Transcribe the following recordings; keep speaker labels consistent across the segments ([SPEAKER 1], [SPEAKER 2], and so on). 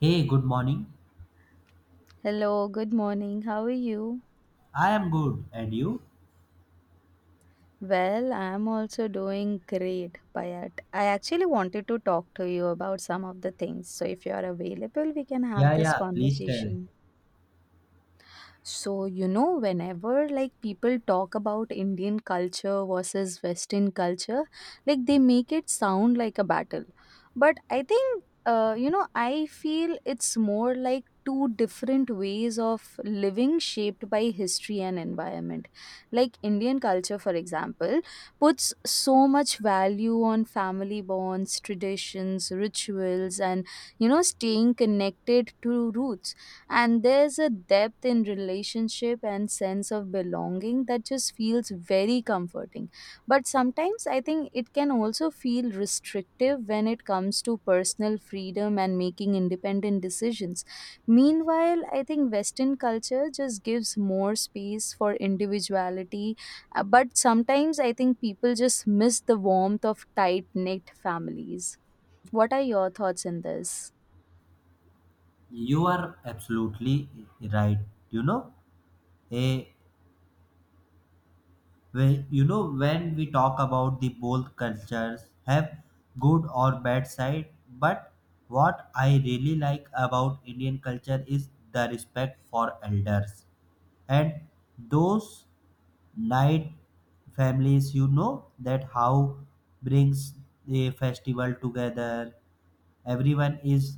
[SPEAKER 1] Hey, good morning.
[SPEAKER 2] Hello, good morning. How are you?
[SPEAKER 1] I am good. And you?
[SPEAKER 2] Well, I'm also doing great, Payat. I actually wanted to talk to you about some of the things. So, if you are available, we can have
[SPEAKER 1] Yeah,
[SPEAKER 2] this
[SPEAKER 1] yeah, please tell.
[SPEAKER 2] conversation. So, you know, whenever like people talk about Indian culture versus Western culture, like they make it sound like a battle. But I think, I feel it's more like two different ways of living shaped by history and environment. Like Indian culture, for example, puts so much value on family bonds, traditions, rituals, and, staying connected to roots, and there's a depth in relationship and sense of belonging that just feels very comforting. But sometimes I think it can also feel restrictive when it comes to personal freedom and making independent decisions. Meanwhile, I think Western culture just gives more space for individuality, but sometimes I think people just miss the warmth of tight knit families. What are your thoughts in this?
[SPEAKER 1] You are absolutely right. You know, a when we talk about the both cultures have good or bad side, but what I really like about Indian culture is the respect for elders and those night families. You know that how brings the festival together, everyone is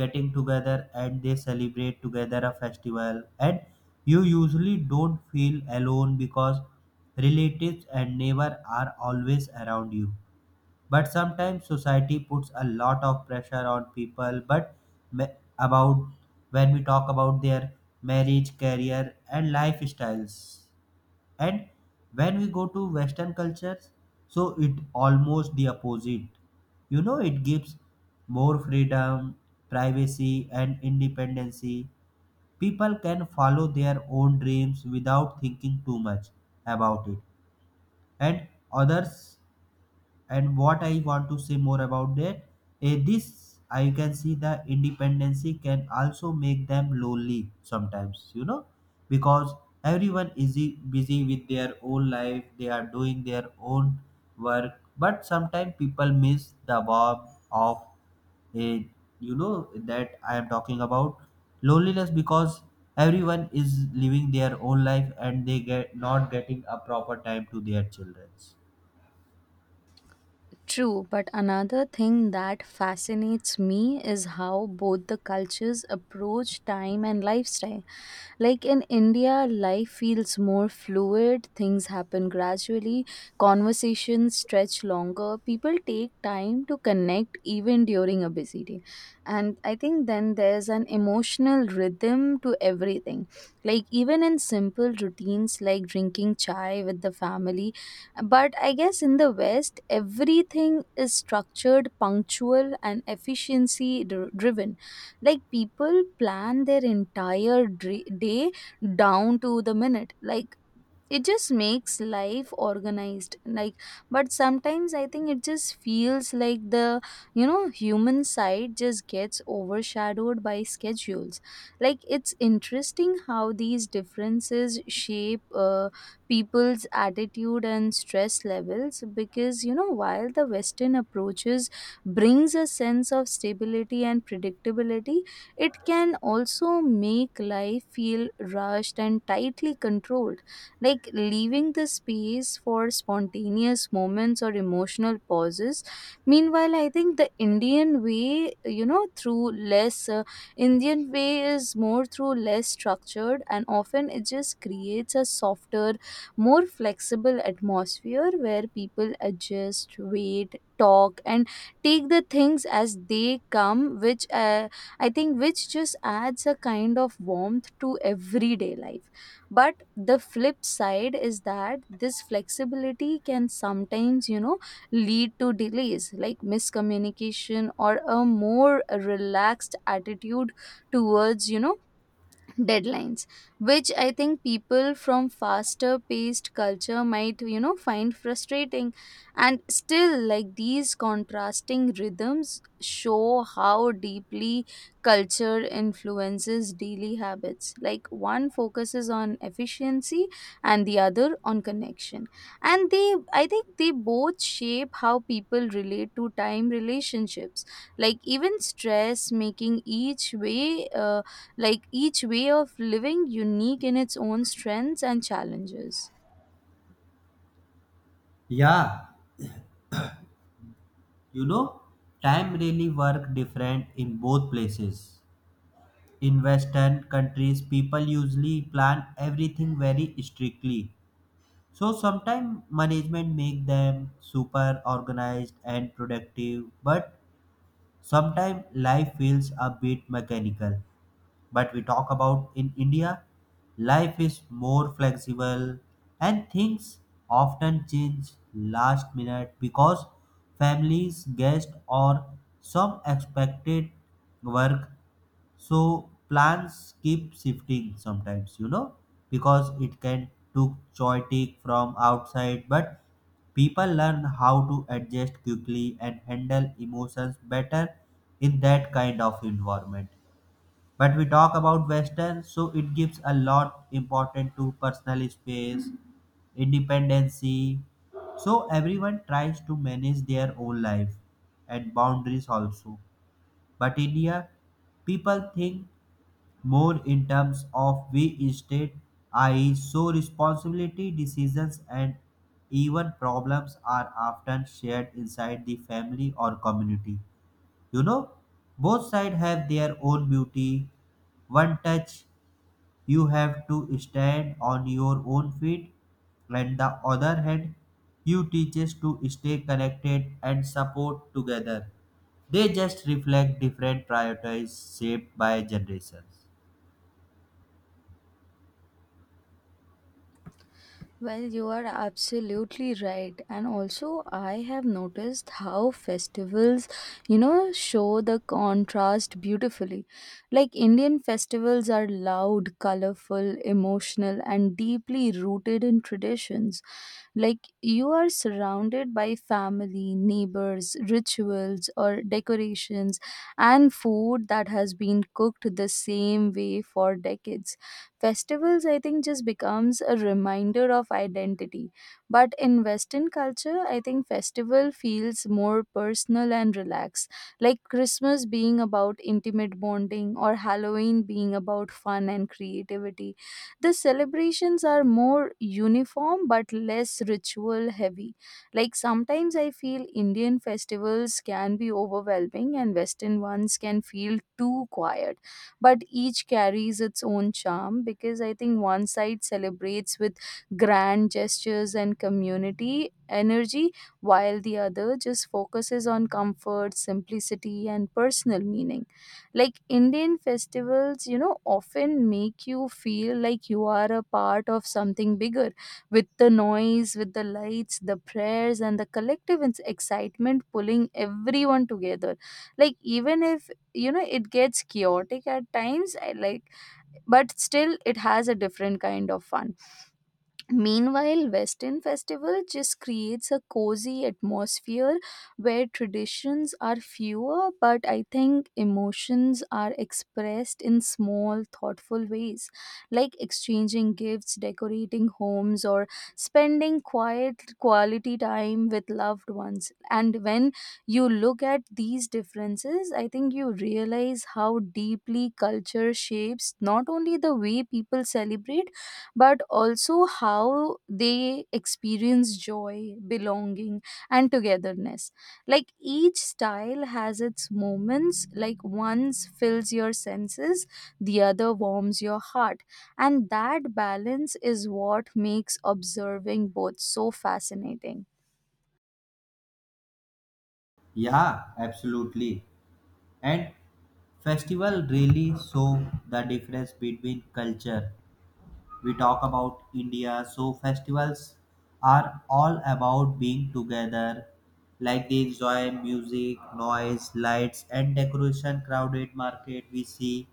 [SPEAKER 1] getting together and they celebrate together a festival, and you usually don't feel alone because relatives and neighbor are always around you. But sometimes society puts a lot of pressure on people, but ma- about when we talk about their marriage, career and lifestyles. And when we go to western cultures, so it almost the opposite. You know, it gives more freedom, privacy and independency. People can follow their own dreams without thinking too much about it and others. And what I want to say more about that, this I can see the independency can also make them lonely sometimes, you know, because everyone is busy with their own life, they are doing their own work. But sometimes people miss the warmth of a you know, that I am talking about loneliness, because everyone is living their own life and they get not getting a proper time to their children.
[SPEAKER 2] True, but another thing that fascinates me is how both the cultures approach time and lifestyle. Like in India, life feels more fluid, things happen gradually, conversations stretch longer, people take time to connect even during a busy day. And I think then there's an emotional rhythm to everything. Like even in simple routines like drinking chai with the family. But I guess in the West, everything is structured, punctual, and efficiency driven. Like people plan their entire day down to the minute. Like it just makes life organized, like, but sometimes I think it just feels like the human side just gets overshadowed by schedules. Like it's interesting how these differences shape people's attitude and stress levels, because while the Western approaches brings a sense of stability and predictability, it can also make life feel rushed and tightly controlled, like leaving the space for spontaneous moments or emotional pauses. Meanwhile, I think the Indian way, through less, Indian way is more through less structured, and often it just creates a softer, more flexible atmosphere where people adjust, wait, talk, and take the things as they come, which, I think which just adds a kind of warmth to everyday life. But the flip side is that this flexibility can sometimes, lead to delays like miscommunication or a more relaxed attitude towards, deadlines, which I think people from faster paced culture might, find frustrating. And still, like these contrasting rhythms show how deeply culture influences daily habits, like one focuses on efficiency and the other on connection. And they, I think, they both shape how people relate to time relationships, like even stress, making each way of living unique in its own strengths and challenges.
[SPEAKER 1] Yeah. You know, time really work different in both places. In Western countries, people usually plan everything very strictly. So sometimes management make them super organized and productive, but sometimes life feels a bit mechanical. But we talk about in India, life is more flexible and things often change last minute because families, guests, or some expected work. So plans keep shifting sometimes, you know, because it can took chaotic from outside, but people learn how to adjust quickly and handle emotions better in that kind of environment. But we talk about Western, so it gives a lot important to personal space, independency. So everyone tries to manage their own life and boundaries also. But India, people think more in terms of we state, i.e., so responsibility, decisions, and even problems are often shared inside the family or community. You know, both sides have their own beauty. One touch you have to stand on your own feet. On the other hand, you teach us to stay connected and support together. They just reflect different priorities shaped by generations.
[SPEAKER 2] Well, you are absolutely right. And also, I have noticed how festivals, show the contrast beautifully. Like, Indian festivals are loud, colorful, emotional, and deeply rooted in traditions. Like, you are surrounded by family, neighbors, rituals, or decorations, and food that has been cooked the same way for decades. Festivals, I think, just becomes a reminder of identity. But in Western culture, I think festival feels more personal and relaxed, like Christmas being about intimate bonding or Halloween being about fun and creativity. The celebrations are more uniform but less ritual heavy. Like sometimes I feel Indian festivals can be overwhelming and Western ones can feel too quiet, but each carries its own charm because I think one side celebrates with grand gestures and community energy, while the other just focuses on comfort, simplicity, and personal meaning. Like Indian festivals, often make you feel like you are a part of something bigger with the noise, with the lights, the prayers, and the collective excitement pulling everyone together. Like, even if it gets chaotic at times, I like, but still it has a different kind of fun. Meanwhile, Western Festival just creates a cozy atmosphere where traditions are fewer, but I think emotions are expressed in small, thoughtful ways, like exchanging gifts, decorating homes, or spending quiet quality time with loved ones. And when you look at these differences, I think you realize how deeply culture shapes not only the way people celebrate but also how they experience joy, belonging, and togetherness. Like each style has its moments, like one fills your senses, the other warms your heart. And that balance is what makes observing both so fascinating.
[SPEAKER 1] Yeah, absolutely. And festival really show the difference between culture we talk about India. So festivals are all about being together. Like they enjoy music, noise, lights, and decoration. Crowded market we see,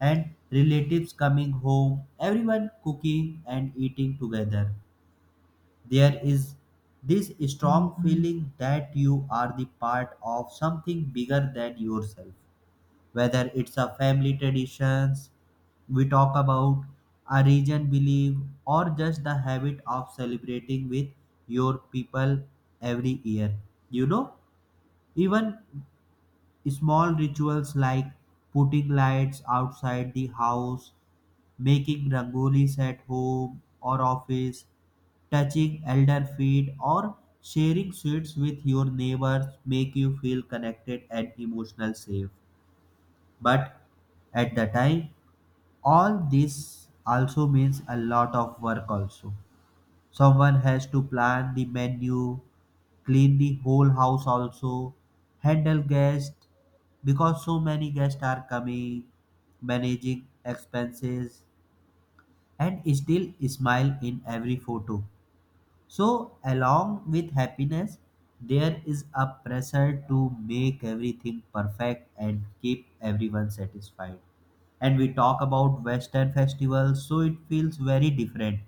[SPEAKER 1] and relatives coming home. Everyone cooking and eating together. There is this strong feeling that you are the part of something bigger than yourself, whether it's a family traditions we talk about, a region belief, or just the habit of celebrating with your people every year. You know, even small rituals like putting lights outside the house, making rangolis at home or office, touching elder feet, or sharing sweets with your neighbors make you feel connected and emotional safe. But at the time, all this also means a lot of work also. Someone has to plan the menu, clean the whole house also, handle guests because so many guests are coming, managing expenses, and still smile in every photo. So, along with happiness, there is a pressure to make everything perfect and keep everyone satisfied. And we talk about Western festivals, so it feels very different.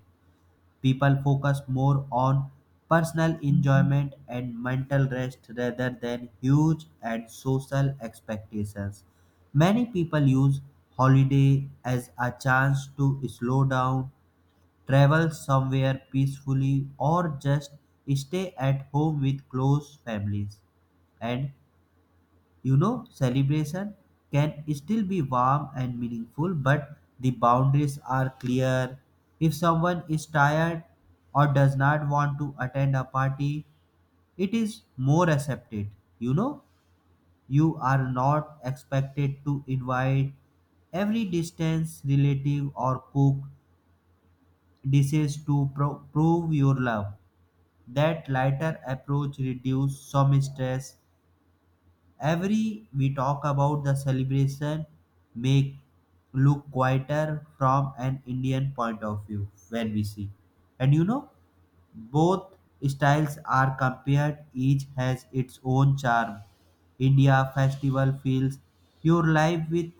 [SPEAKER 1] People focus more on personal enjoyment and mental rest rather than huge and social expectations. Many people use holiday as a chance to slow down, travel somewhere peacefully, or just stay at home with close families. And you know, celebration can still be warm and meaningful, but the boundaries are clear. If someone is tired or does not want to attend a party, it is more accepted. You know, you are not expected to invite every distance relative or cook dishes to prove your love. That lighter approach reduces some stress. Every we talk about the celebration make look quieter from an Indian point of view when we see. And you know, both styles are compared, each has its own charm. India festival feels your life with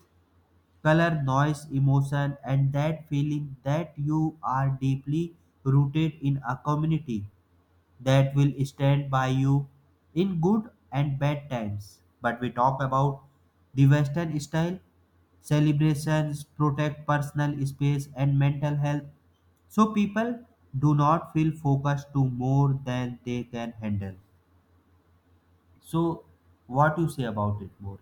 [SPEAKER 1] color, noise, emotion, and that feeling that you are deeply rooted in a community that will stand by you in good and bad times. But we talk about the Western style, celebrations protect personal space and mental health, so people do not feel focused to more than they can handle. So, what you say about it more?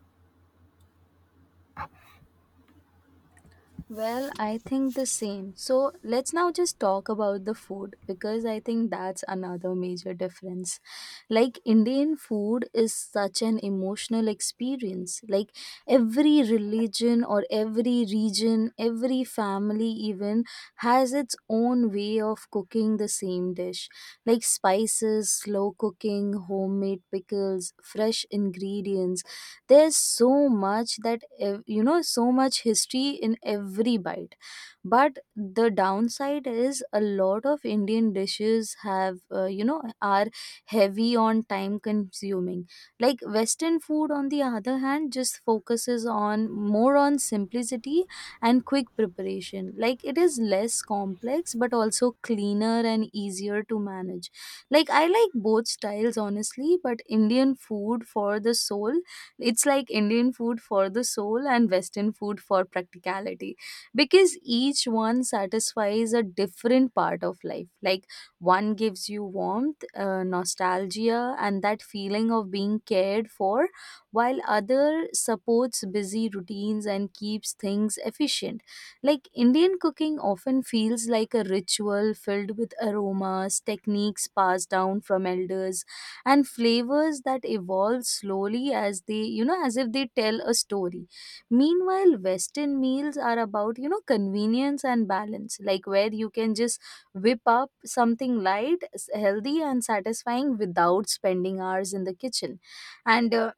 [SPEAKER 2] Well, I think the same. So let's now just talk about the food, because I think that's another major difference. Like, Indian food is such an emotional experience. Like, every religion or every region, every family even has its own way of cooking the same dish. Like, spices, slow cooking, homemade pickles, fresh ingredients, there's so much that so much history in every bite. But the downside is a lot of Indian dishes have, are heavy on time consuming. Like Western food, on the other hand, just focuses on more on simplicity and quick preparation. Like, it is less complex but also cleaner and easier to manage. Like, I like both styles honestly, but Indian food for the soul. It's like Indian food for the soul and Western food for practicality, because each one satisfies a different part of life. Like one gives you warmth, nostalgia, and that feeling of being cared for, while other supports busy routines and keeps things efficient. Like Indian cooking often feels like a ritual filled with aromas, techniques passed down from elders and flavors that evolve slowly, as if they tell a story. Meanwhile, Western meals are about, convenience and balance, like where you can just whip up something light healthy and satisfying without spending hours in the kitchen. and uh,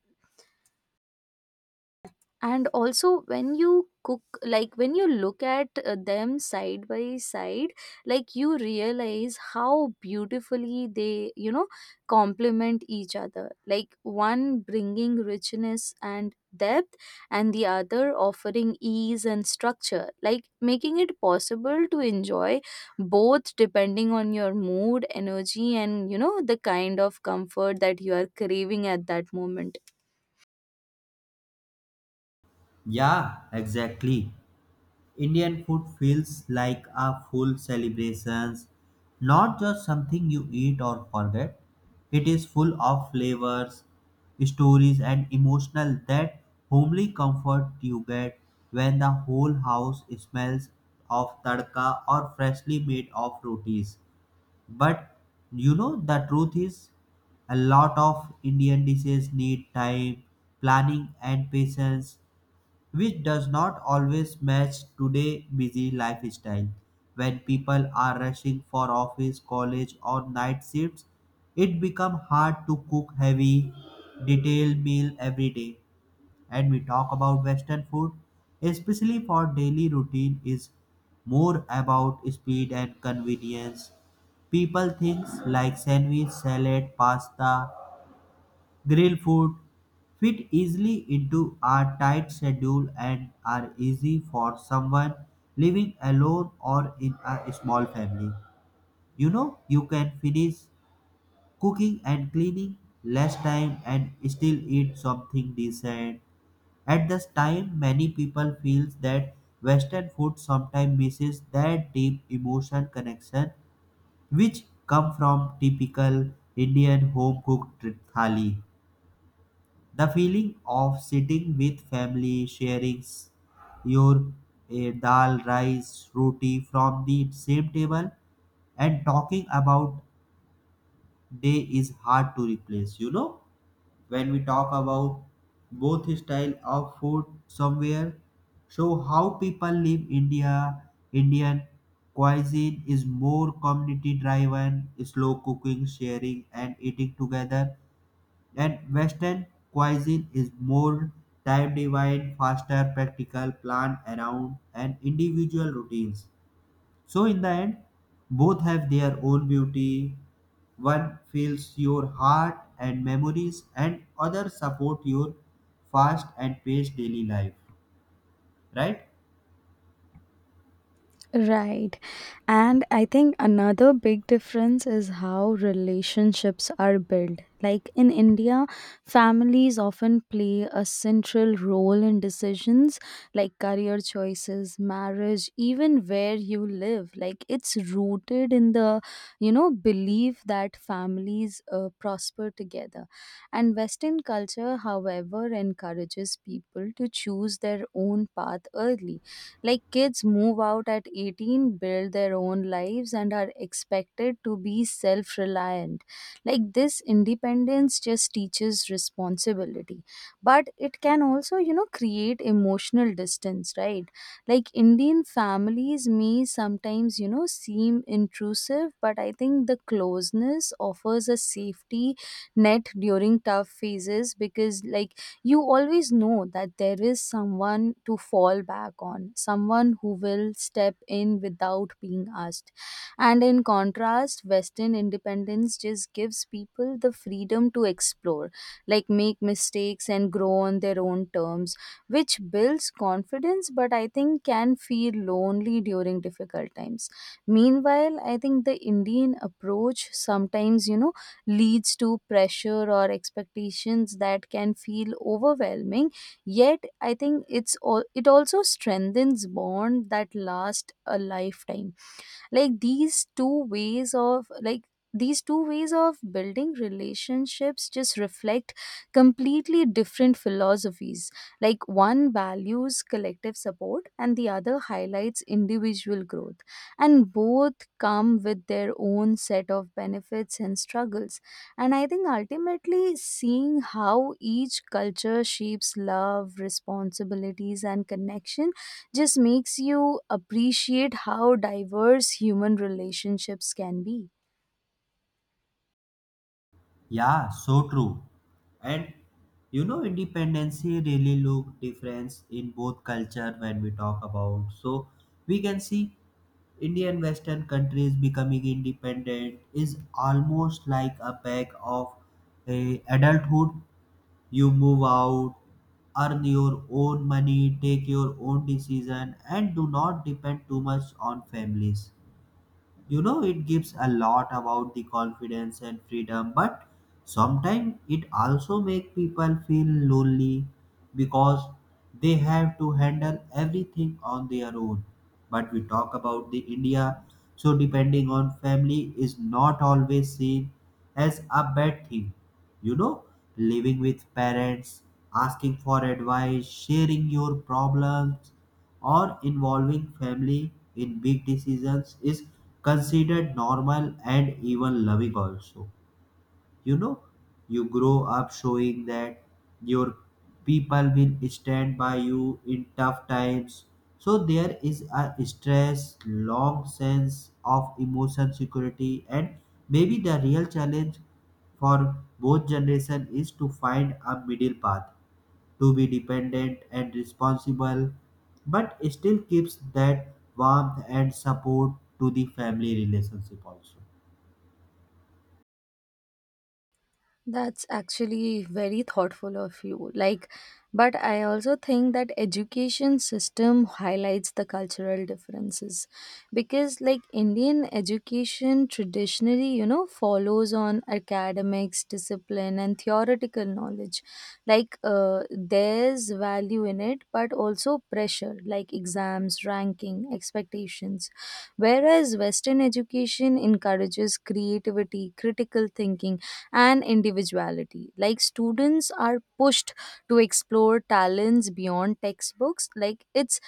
[SPEAKER 2] and also when you cook, like when you look at them side by side, like you realize how beautifully they, complement each other, like one bringing richness and depth and the other offering ease and structure, like making it possible to enjoy both depending on your mood, energy, and, the kind of comfort that you are craving at that moment.
[SPEAKER 1] Yeah, exactly. Indian food feels like a full celebrations, not just something you eat or forget. It is full of flavors, stories, and emotional that homely comfort you get when the whole house smells of tadka or freshly made of rotis. But you know the truth is a lot of Indian dishes need time, planning and patience, which does not always match today's busy lifestyle. When people are rushing for office, college, or night shifts, it becomes hard to cook heavy, detailed meal every day. And we talk about Western food, especially for daily routine, is more about speed and convenience. People things like sandwich, salad, pasta, grill food fit easily into our tight schedule and are easy for someone living alone or in a small family. You know, you can finish cooking and cleaning less time and still eat something decent. At this time, many people feel that Western food sometimes misses that deep emotional connection which come from typical Indian home cooked thali. The feeling of sitting with family, sharing your dal, rice, roti from the same table, and talking about day is hard to replace. You know, when we talk about both style of food somewhere, show how people live India, Indian cuisine is more community driven, slow cooking, sharing, and eating together, and Western cuisine is more time divine, faster, practical, planned around and individual routines. So in the end, both have their own beauty. One fills your heart and memories and other support your fast and paced daily life. Right?
[SPEAKER 2] Right. And I think another big difference is how relationships are built. Like in India, families often play a central role in decisions like career choices, marriage, even where you live. Like it's rooted in the, belief that families prosper together. And Western culture, however, encourages people to choose their own path early, like kids move out at 18, build their own lives, and are expected to be self reliant. Like this independence just teaches responsibility, but it can also, create emotional distance, right? Like Indian families may sometimes, seem intrusive, but I think the closeness offers a safety net during tough phases because, like, you always know that there is someone to fall back on, someone who will step in without being asked. And in contrast, Western independence just gives people the freedom to explore, like make mistakes and grow on their own terms, which builds confidence, but I think can feel lonely during difficult times. Meanwhile, I think the Indian approach sometimes, leads to pressure or expectations that can feel overwhelming, yet I think it also strengthens bond that last a lifetime. Like these two ways of building relationships just reflect completely different philosophies, like one values collective support and the other highlights individual growth. And both come with their own set of benefits and struggles. And I think ultimately seeing how each culture shapes love, responsibilities, and connection just makes you appreciate how diverse human relationships can be.
[SPEAKER 1] Yeah, so true. And you know, independency really look difference in both culture when we talk about. So we can see Indian Western countries becoming independent is almost like a bag of a adulthood. You move out, earn your own money, take your own decision, and do not depend too much on families. You know, it gives a lot about the confidence and freedom, but sometimes it also make people feel lonely because they have to handle everything on their own. But we talk about the India, so depending on family is not always seen as a bad thing. You know, living with parents, asking for advice, sharing your problems, or involving family in big decisions is considered normal and even loving also. You know, you grow up showing that your people will stand by you in tough times. So there is a stress long sense of emotion security, and maybe the real challenge for both generation is to find a middle path, to be dependent and responsible, but still keeps that warmth and support to the family relationship also.
[SPEAKER 2] That's actually very thoughtful of you. Like, but I also think that education system highlights the cultural differences, because like Indian education traditionally, follows on academics, discipline, and theoretical knowledge. Like, there's value in it, but also pressure like exams, ranking, expectations. Whereas Western education encourages creativity, critical thinking, and individuality. Like students are pushed to explore talents beyond textbooks. Like it's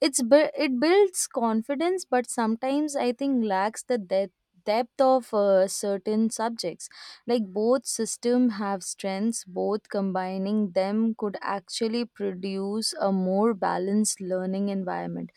[SPEAKER 2] it's bu- it builds confidence, but sometimes I think lacks the depth of certain subjects, like both system have strengths, both combining them could actually produce a more balanced learning environment,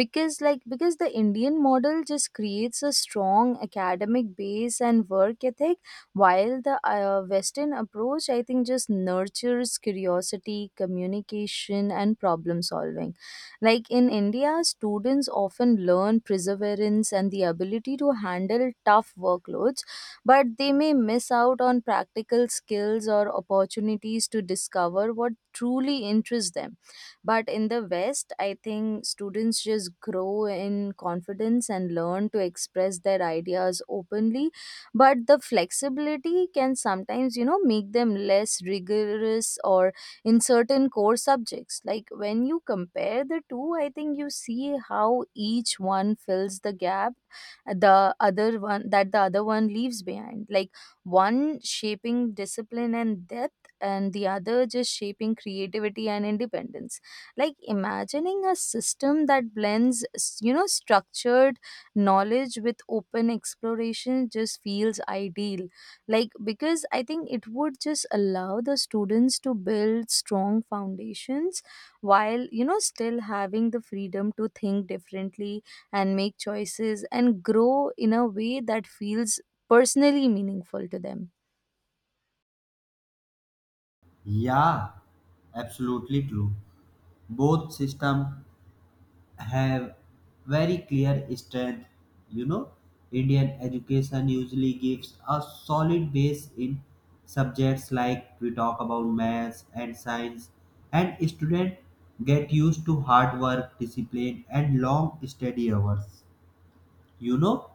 [SPEAKER 2] because the Indian model just creates a strong academic base and work ethic, while the Western approach, I think, just nurtures curiosity, communication, and problem solving. Like in India, students often learn perseverance and the ability to handle tough workloads, but they may miss out on practical skills or opportunities to discover what truly interests them. But in the West, I think students just grow in confidence and learn to express their ideas openly, but the flexibility can sometimes, make them less rigorous or in certain core subjects, like when you compare the two, I think you see how each one fills the gap, the other one leaves behind, like one shaping discipline and depth and the other just shaping creativity and independence. Like imagining a system that blends, structured knowledge with open exploration just feels ideal, like because I think it would just allow the students to build strong foundations while, still having the freedom to think differently and make choices and grow in a way that feels personally meaningful to them.
[SPEAKER 1] Yeah, absolutely true. Both system have very clear strength. You know, Indian education usually gives a solid base in subjects like we talk about maths and science, and students get used to hard work, discipline, and long study hours. You know,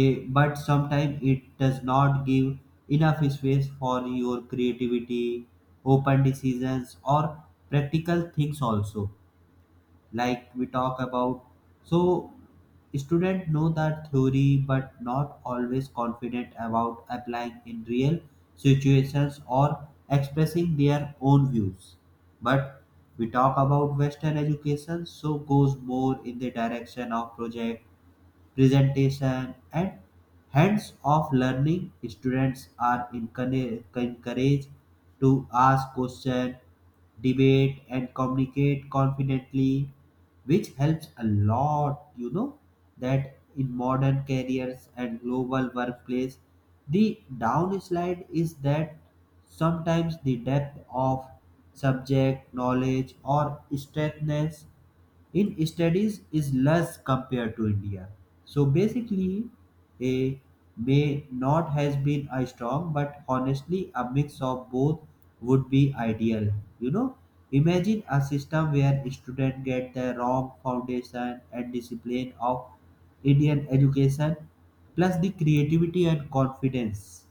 [SPEAKER 1] But sometimes it does not give enough space for your creativity, open decisions or practical things also, like we talk about. So students know that theory but not always confident about applying in real situations or expressing their own views. But we talk about western education, so goes more in the direction of project, presentation and hands-off learning. Students are encouraged to ask questions, debate and communicate confidently, which helps a lot, you know, that in modern careers and global workplace. The downslide is that sometimes the depth of subject knowledge or strictness in studies is less compared to India. So basically, a may not has been a strong, but honestly, a mix of both would be ideal. You know, imagine a system where students get the wrong foundation and discipline of Indian education, plus the creativity and confidence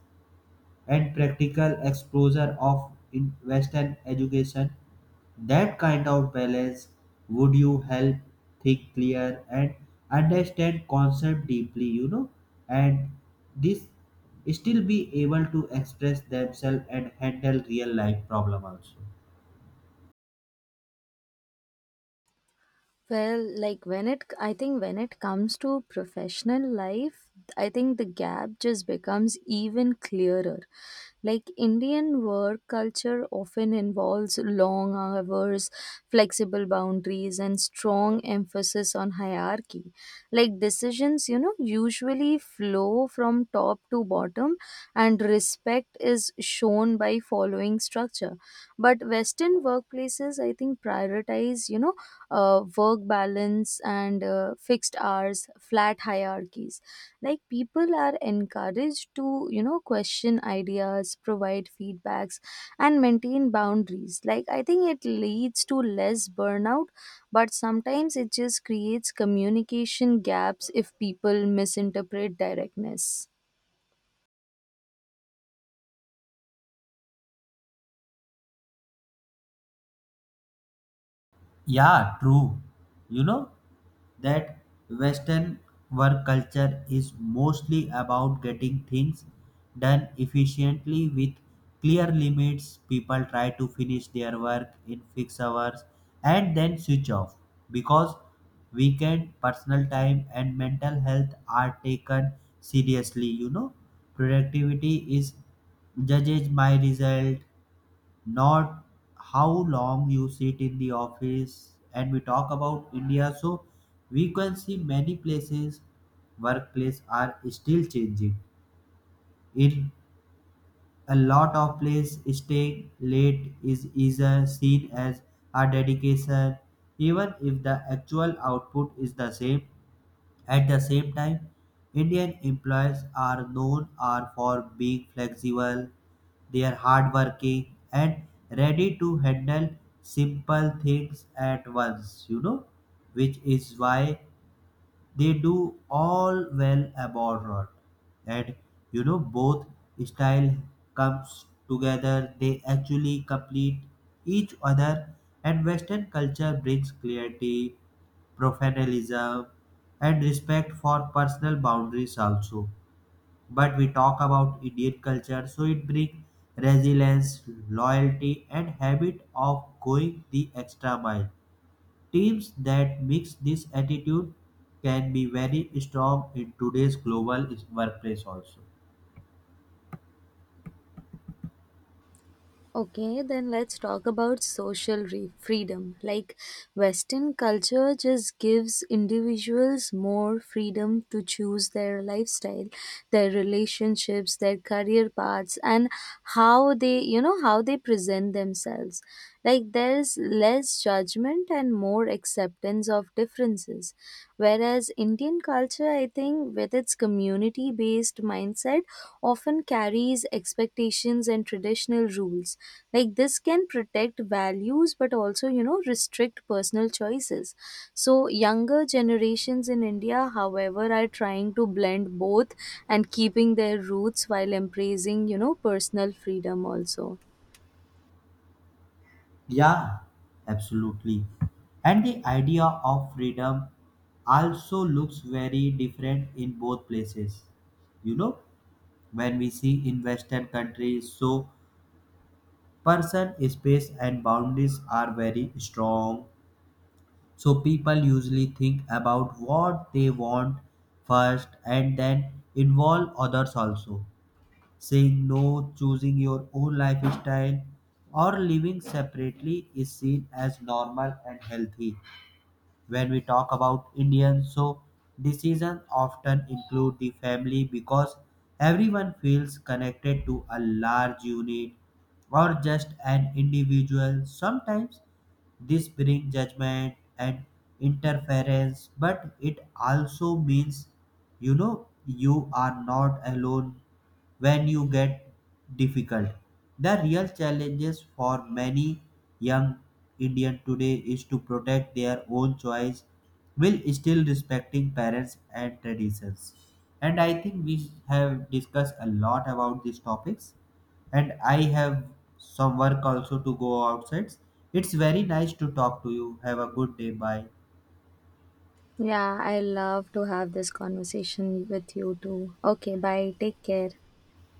[SPEAKER 1] and practical exposure of in Western education. That kind of balance would you help think clear and understand concept deeply, you know, and this still be able to express themselves and handle real life problem also.
[SPEAKER 2] Well, like when it comes to professional life, I think the gap just becomes even clearer. Like Indian work culture often involves long hours, flexible boundaries, and strong emphasis on hierarchy. Like decisions, usually flow from top to bottom, and respect is shown by following structure. But Western workplaces, I think, prioritize, work balance and fixed hours, flat hierarchies, like people are encouraged to, question ideas, provide feedbacks, and maintain boundaries. Like I think it leads to less burnout, but sometimes it just creates communication gaps if people misinterpret directness.
[SPEAKER 1] Yeah, true. You know, that Western work culture is mostly about getting things done efficiently with clear limits. People try to finish their work in fixed hours and then switch off, because weekend personal time and mental health are taken seriously. You know, productivity is judged by result, not how long you sit in the office. And we talk about India, so we can see many places workplace are still changing. In a lot of place staying late is either seen as a dedication, even if the actual output is the same. At the same time, Indian employees are known are for being flexible, they are hardworking and ready to handle simple things at once, you know, which is why they do all well abroad. And you know, both style comes together, they actually complete each other. And western culture brings clarity, professionalism, and respect for personal boundaries also. But we talk about Indian culture, so it brings resilience, loyalty and habit of going the extra mile. Teams that mix this attitude can be very strong in today's workplace also.
[SPEAKER 2] Okay, then let's talk about social freedom. Like Western culture just gives individuals more freedom to choose their lifestyle, their relationships, their career paths, and how they present themselves. Like there's less judgment and more acceptance of differences. Whereas Indian culture, I think, with its community based mindset, often carries expectations and traditional rules. Like this can protect values but also, restrict personal choices. So, younger generations in India, however, are trying to blend both and keeping their roots while embracing, personal freedom also.
[SPEAKER 1] Yeah, absolutely. And the idea of freedom also looks very different in both places. You know, when we see in Western countries, so person, space, and boundaries are very strong. So people usually think about what they want first and then involve others also. Saying no, choosing your own lifestyle, or living separately is seen as normal and healthy. When we talk about Indians, so decisions often include the family because everyone feels connected to a large unit or just an individual. Sometimes this brings judgment and interference, but it also means you know you are not alone when you get difficult. The real challenges for many young Indian today is to protect their own choice while still respecting parents and traditions. And I think we have discussed a lot about these topics and I have some work also to go outside. It's very nice to talk to you. Have a good day. Bye.
[SPEAKER 2] Yeah, I love to have this conversation with you too. Okay, bye. Take care.